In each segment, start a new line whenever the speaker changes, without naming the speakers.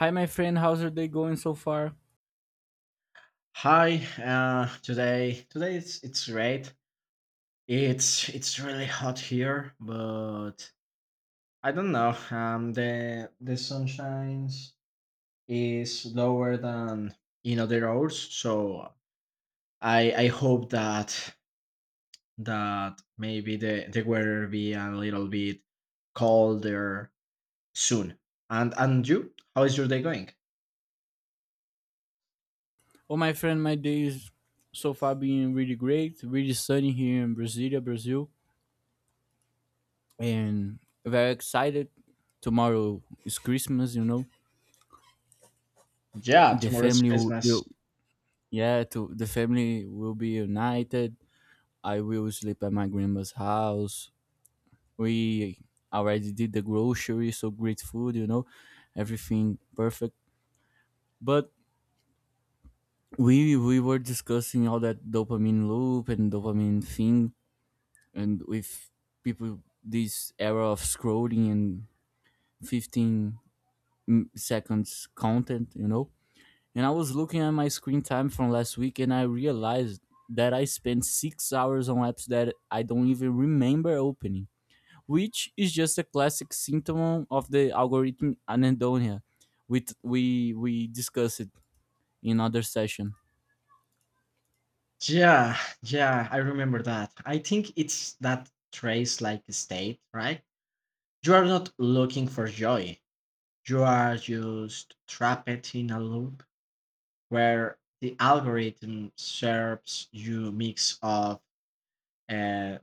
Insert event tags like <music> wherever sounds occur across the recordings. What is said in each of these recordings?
Hi, my friend. How's your day going so far?
Hi, today it's great. It's really hot here, but I don't know. The sunshine is lower than in other hours, so I hope that that maybe the weather be a little bit colder soon. And you, how is your day going?
Oh, my friend, my day is so far being really great. Really sunny here in Brasilia, Brazil, and very excited. Tomorrow is Christmas, you know.
Yeah,
The
tomorrow's
family will,
Christmas.
will yeah, to the family will be united. I will sleep at my grandma's house. We already did the grocery, so great food, everything perfect. But we were discussing all that dopamine loop and dopamine thing and with people this era of scrolling and 15 seconds content. And I was looking at my screen time from last week, and I realized that I spent 6 hours on apps that I don't even remember opening, which is just a classic symptom of the algorithm anhedonia, which we discussed it in other session.
Yeah, yeah, I remember that. I think it's that trace like state, right? You are not looking for joy. You are just trapped in a loop where the algorithm serves you mix of uh,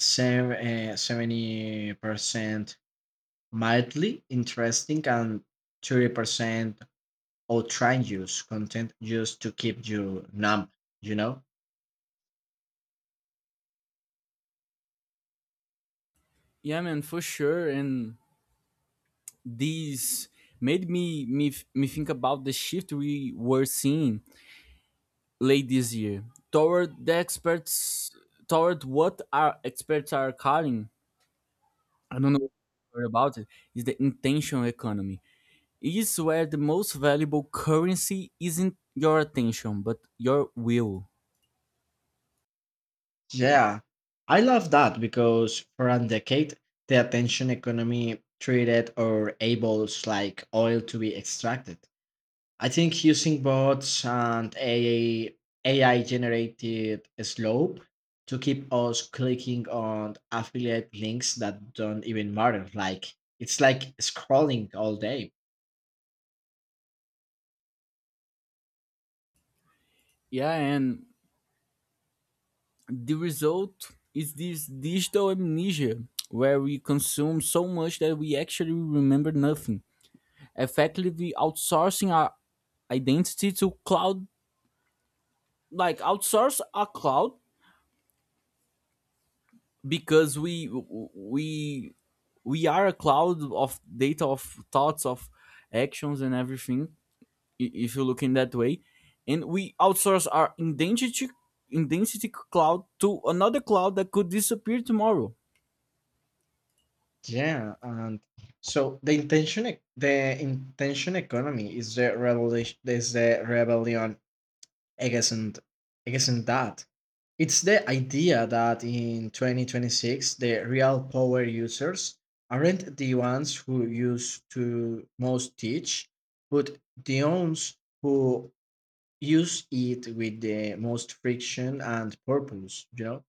70% mildly interesting and 30% outrageous content just to keep you numb. You know.
Yeah, man, for sure. And these made me think about the shift we were seeing late this year toward the experts, toward what our experts are calling, I don't know about it, is the intention economy. It is where the most valuable currency isn't your attention but your will.
Yeah, I love that because for a decade, the attention economy treated our eyeballs like oil to be extracted. I think using bots and AI, AI generated slope to keep us clicking on affiliate links that don't even matter. Like it's like scrolling all day.
Yeah, and the result is this digital amnesia where we consume so much that we actually remember nothing, effectively outsourcing our identity to cloud, like outsource a cloud, because we we are a cloud of data, of thoughts, of actions, and everything. If you look in that way, and we outsource our identity, identity cloud to another cloud that could disappear tomorrow.
Yeah, and so the intention economy is the revolution, is the rebellion I isn't I isn't that. It's the idea that in 2026 the real power users aren't the ones who use to most teach, but the ones who use it with the most friction and purpose, you know?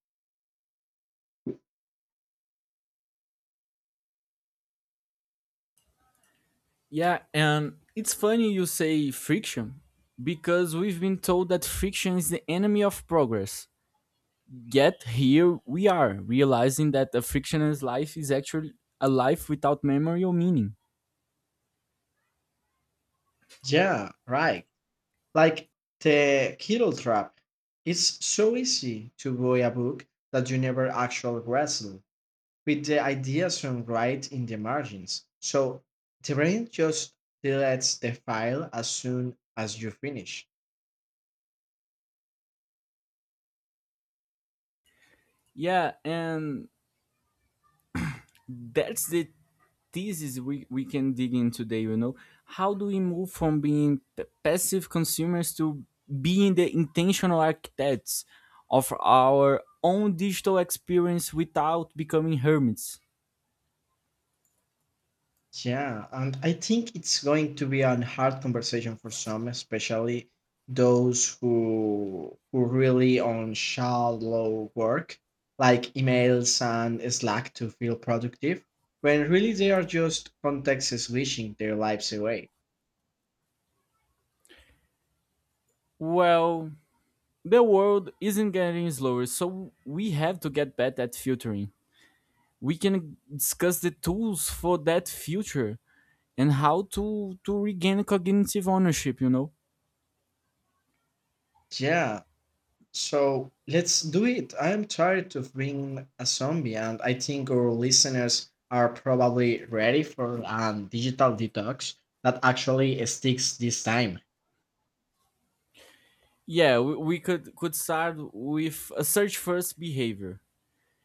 Yeah, and it's funny you say friction, because we've been told that friction is the enemy of progress, yet here we are realizing that a frictionless life is actually a life without memory or meaning.
Yeah, right. Like the Kittle trap. It's so easy to buy a book that you never actually wrestle with the ideas from right in the margins. So the brain just deletes the file as soon as you finish.
Yeah, and that's the thesis we can dig in today, you know, how do we move from being passive consumers to being the intentional architects of our own digital experience without becoming hermits.
Yeah, and I think it's going to be a hard conversation for some, especially those who really on shallow work, like emails and Slack to feel productive, when really they are just context switching their lives away.
Well, the world isn't getting slower, so we have to get better at filtering. We can discuss the tools for that future and how to regain cognitive ownership, you know.
Yeah, so let's do it. I'm tired of being a zombie, and I think our listeners are probably ready for a digital detox that actually sticks this time.
Yeah, we could start with a search first behavior.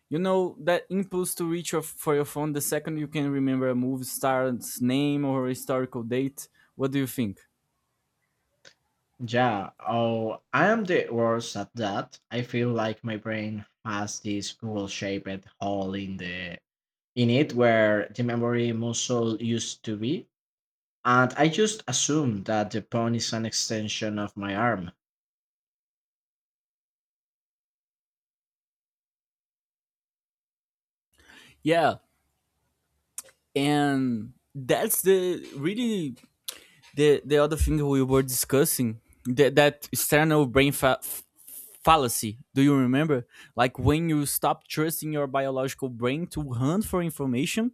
You know that impulse to reach for your phone the second you can remember a movie star's name or historical date. What do you think?
Yeah, oh, I am the worst at that. I feel like my brain has this Google shaped hole in the in it where the memory muscle used to be. And I just assume that the pawn is an extension of my arm.
Yeah, and that's the really the other thing we were discussing, that that external brain fallacy. Do you remember? Like, when you stop trusting your biological brain to hunt for information,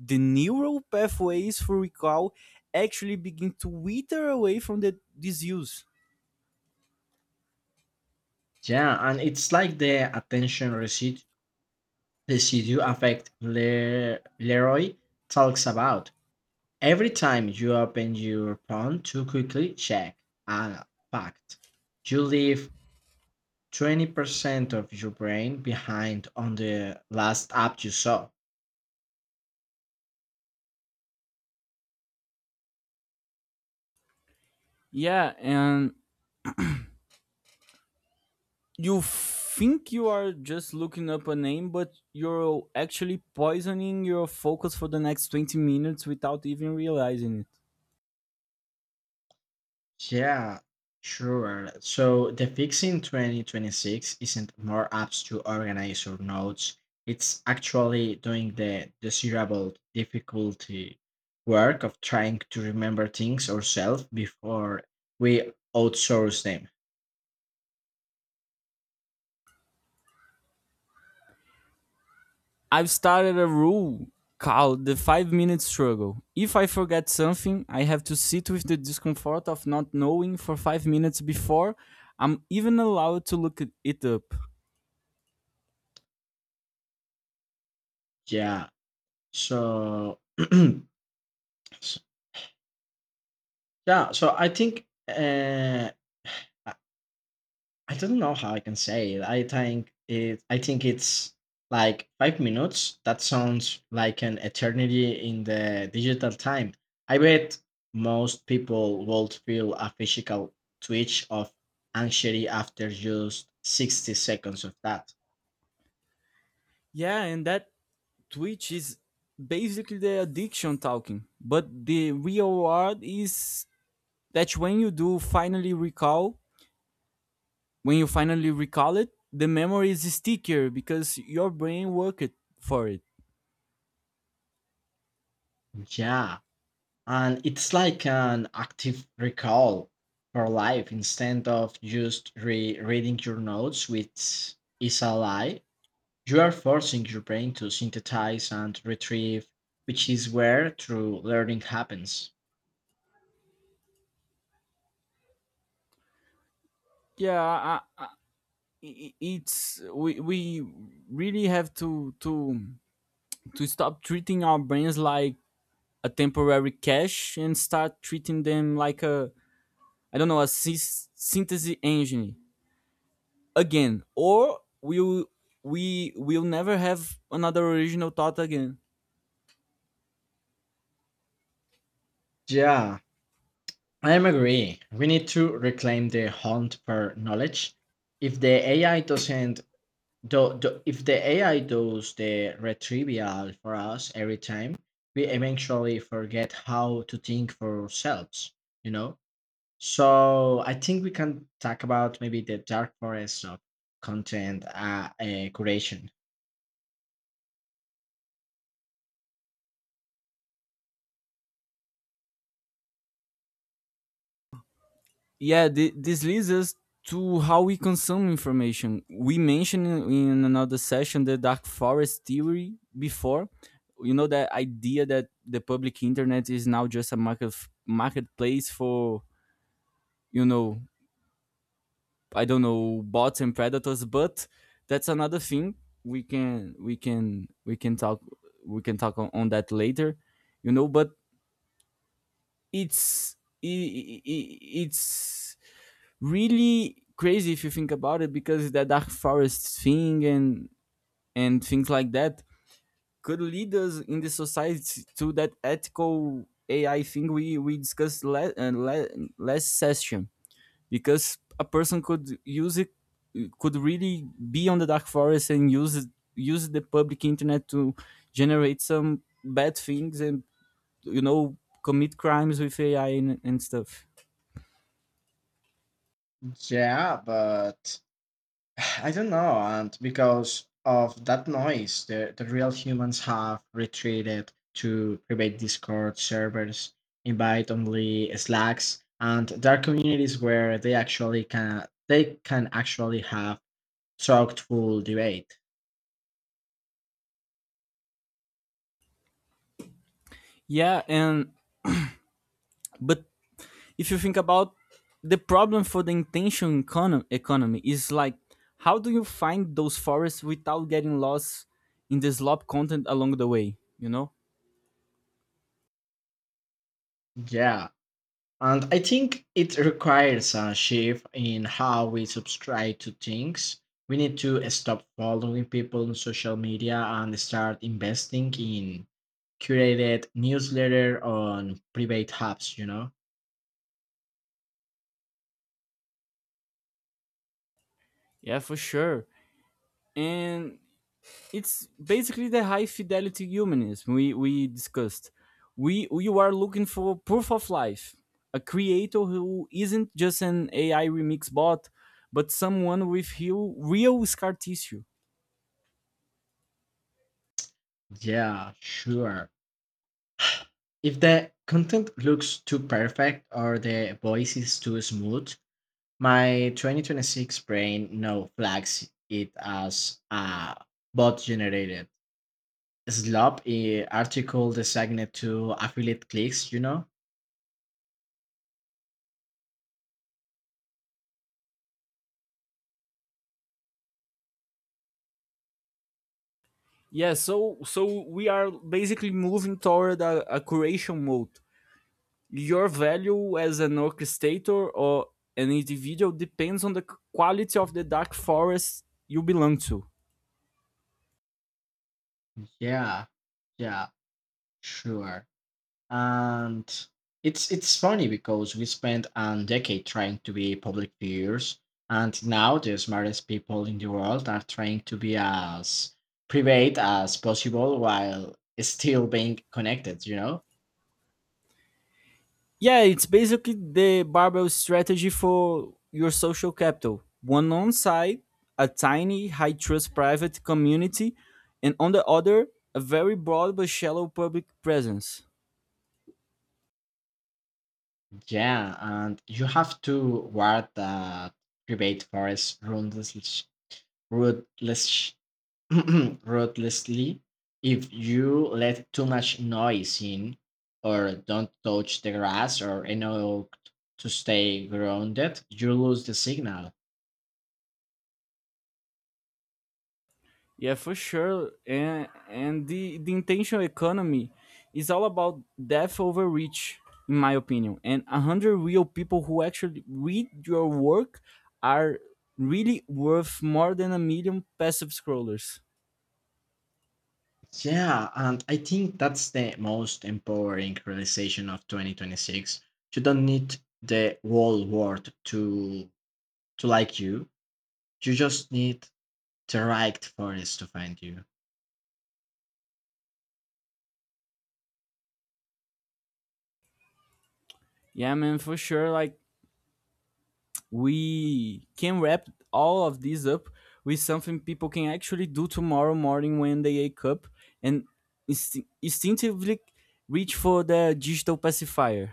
the neural pathways for recall actually begin to wither away from the disuse.
Yeah, and it's like the attention residue effect Leroy talks about. Every time you open your pawn too quickly, check. And fact, you leave 20% of your brain behind on the last app you saw.
Yeah, and you think you are just looking up a name, but you're actually poisoning your focus for the next 20 minutes without even realizing it.
Yeah, sure. So the fix in 2026 isn't more apps to organize your notes. It's actually doing the desirable difficulty work of trying to remember things ourselves before we outsource them.
I've started a rule called the 5 minute struggle. If I forget something, I have to sit with the discomfort of not knowing for 5 minutes before I'm even allowed to look it up.
Yeah. So, <clears throat> s- yeah. So I think I don't know how I can say it. I think it. I think it's like 5 minutes. That sounds like an eternity in the digital time. I bet most people will feel a physical twitch of anxiety after just 60 seconds of that.
Yeah, and that Twitch is basically the addiction talking, but the real word is that when you finally recall it, the memory is stickier because your brain worked for it.
Yeah, and it's like an active recall for life instead of just reading your notes, which is a lie. You are forcing your brain to synthesize and retrieve, which is where true learning happens.
Yeah, I, I- it's we really have to stop treating our brains like a temporary cache and start treating them like a, I don't know, a synthesis engine again, or we will never have another original thought again.
Yeah, I am agree. We need to reclaim the hunt for knowledge. If the AI doesn't do, do, if the AI does the retrieval for us every time, we eventually forget how to think for ourselves, you know? So I think we can talk about maybe the dark forest of content curation.
Yeah, this leads us to how we consume information. We mentioned in another session the dark forest theory before. You know that idea that the public internet is now just a marketplace for, you know, I don't know, bots and predators, but that's another thing we can we can we can talk on that later, you know. But it's it i- it's really crazy if you think about it, because the dark forest thing and things like that could lead us in the society to that ethical AI thing we discussed last session, because a person could use it, could really be on the dark forest and use the public internet to generate some bad things and, you know, commit crimes with AI and stuff.
Yeah, but <sighs> I don't know. And because of that noise, the real humans have retreated to private Discord servers, invite only Slacks, and there are communities where they can actually have thoughtful debate.
Yeah, and but if you think about the problem for the intention economy is like, how do you find those forests without getting lost in the slop content along the way, you know?
Yeah, and I think it requires a shift in how we subscribe to things. We need to stop following people on social media and start investing in curated newsletter on private hubs, you know?
Yeah, for sure. And it's basically the high fidelity humanism we discussed. We, you are looking for proof of life, a creator who isn't just an AI remix bot, but someone with real, real scar tissue.
Yeah, sure. If the content looks too perfect or the voice is too smooth, my 2026 brain now flags it as a bot generated slop a article designed to affiliate clicks, you know?
Yeah, so we are basically moving toward a curation mode. Your value as an orchestrator or an individual depends on the quality of the dark forest you belong to.
Yeah, yeah, sure. And it's funny because we spent a decade trying to be public figures, and now the smartest people in the world are trying to be as private as possible while still being connected, you know?
Yeah, it's basically the barbell strategy for your social capital. One on side, a tiny, high trust private community, and on the other, a very broad but shallow public presence.
Yeah, and you have to guard that private forest ruthless ruthless <clears throat> ruthlessly. If you let too much noise in or don't touch the grass or enough to stay grounded, you lose the signal.
Yeah, for sure. And the intentional economy is all about depth over reach, in my opinion. And a hundred real people who actually read your work are really worth more than a million passive scrollers.
Yeah, and I think that's the most empowering realization of 2026. You don't need the whole world to like you. You just need the right forest to find you.
Yeah, man, for sure. Like, we can wrap all of this up with something people can actually do tomorrow morning when they wake up and instinctively reach for the digital pacifier.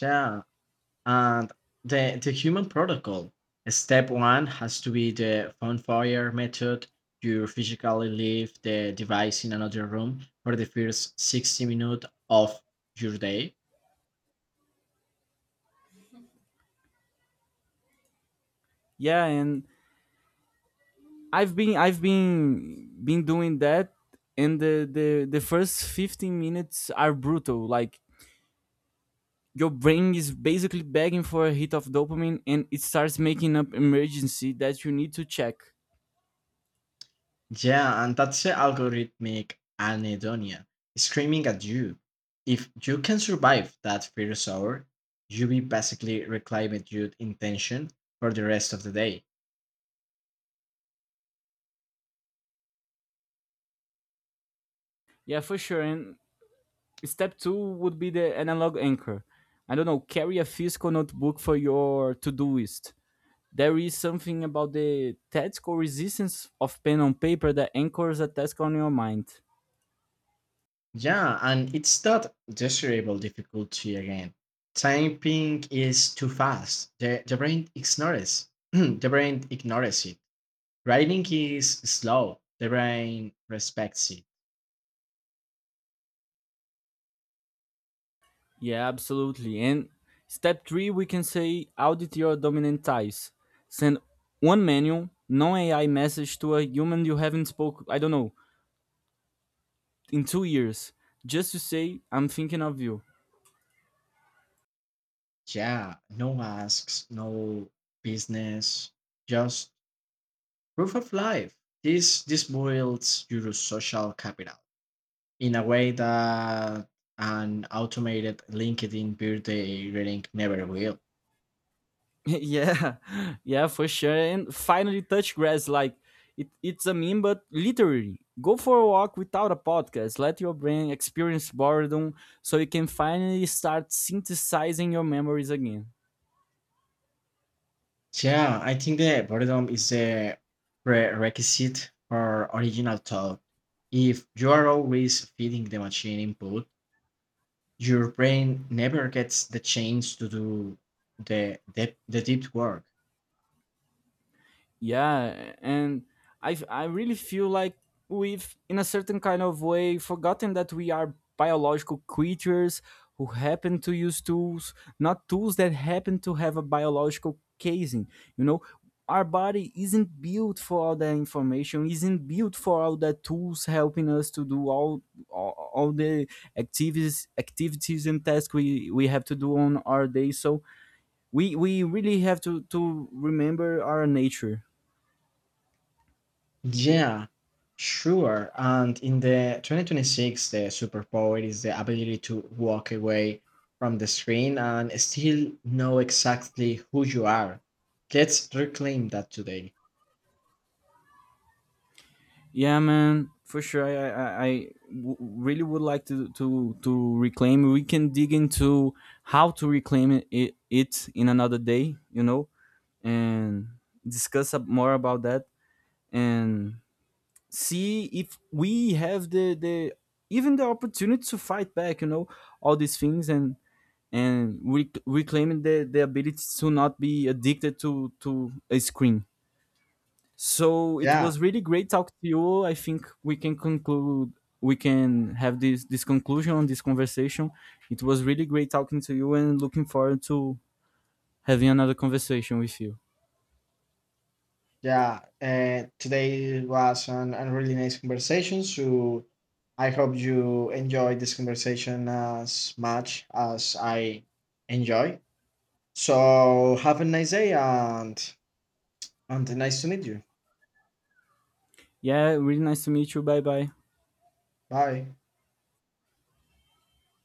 Yeah. And the human protocol. Step one has to be the fire method. You physically leave the device in another room for the first 60 minutes of your day.
Yeah, and I've been doing that, and the the first 15 minutes are brutal, like your brain is basically begging for a hit of dopamine, and it starts making up emergency that you need to check.
Yeah, and that's the algorithmic anhedonia screaming at you. If you can survive that first hour, you be basically reclaiming your intention for the rest of the day.
Yeah, for sure. And step two would be the analog anchor. I don't know, carry a physical notebook for your to-do list. There is something about the tactical resistance of pen on paper that anchors a task on your mind.
Yeah, and it's not desirable difficulty again. Typing is too fast. The brain ignores <clears throat> the brain ignores it. Writing is slow. The brain respects it.
Yeah, absolutely. And step three, we can say audit your dominant ties. Send one manual, non AI message to a human you haven't spoke, I don't know, in 2 years, just to say, I'm thinking of you.
Yeah, no asks, no business, just proof of life. This builds your social capital in a way that an automated LinkedIn birthday reading never will.
<laughs> Yeah, yeah, for sure. And finally, touch grass. Like, it's a meme, but literally, go for a walk without a podcast. Let your brain experience boredom so you can finally start synthesizing your memories again.
Yeah, I think that boredom is a prerequisite for original thought. If you are always feeding the machine input, your brain never gets the chance to do the deep work.
Yeah, and I really feel like we've, in a certain kind of way, forgotten that we are biological creatures who happen to use tools, not tools that happen to have a biological casing. You know, our body isn't built for all that information, isn't built for all the tools helping us to do all the activities and tasks we have to do on our day. So we really have to remember our nature.
Yeah, sure. And in the 2026, the superpower is the ability to walk away from the screen and still know exactly who you are. Let's reclaim that today.
Yeah, man, for sure. Really would like to reclaim. We can dig into how to reclaim it in another day, you know, and discuss more about that and see if we have the even the opportunity to fight back, you know, all these things and reclaiming the ability to not be addicted to a screen. So it
Yeah.
was really great talk to you. I think we can conclude we can have this conclusion on this conversation. It was really great talking to you and looking forward to having another conversation with you.
Yeah, today was a really nice conversation. So I hope you enjoyed this conversation as much as I enjoy. So have a nice day and nice to meet you.
Yeah, really nice to meet you. Bye bye.
Bye.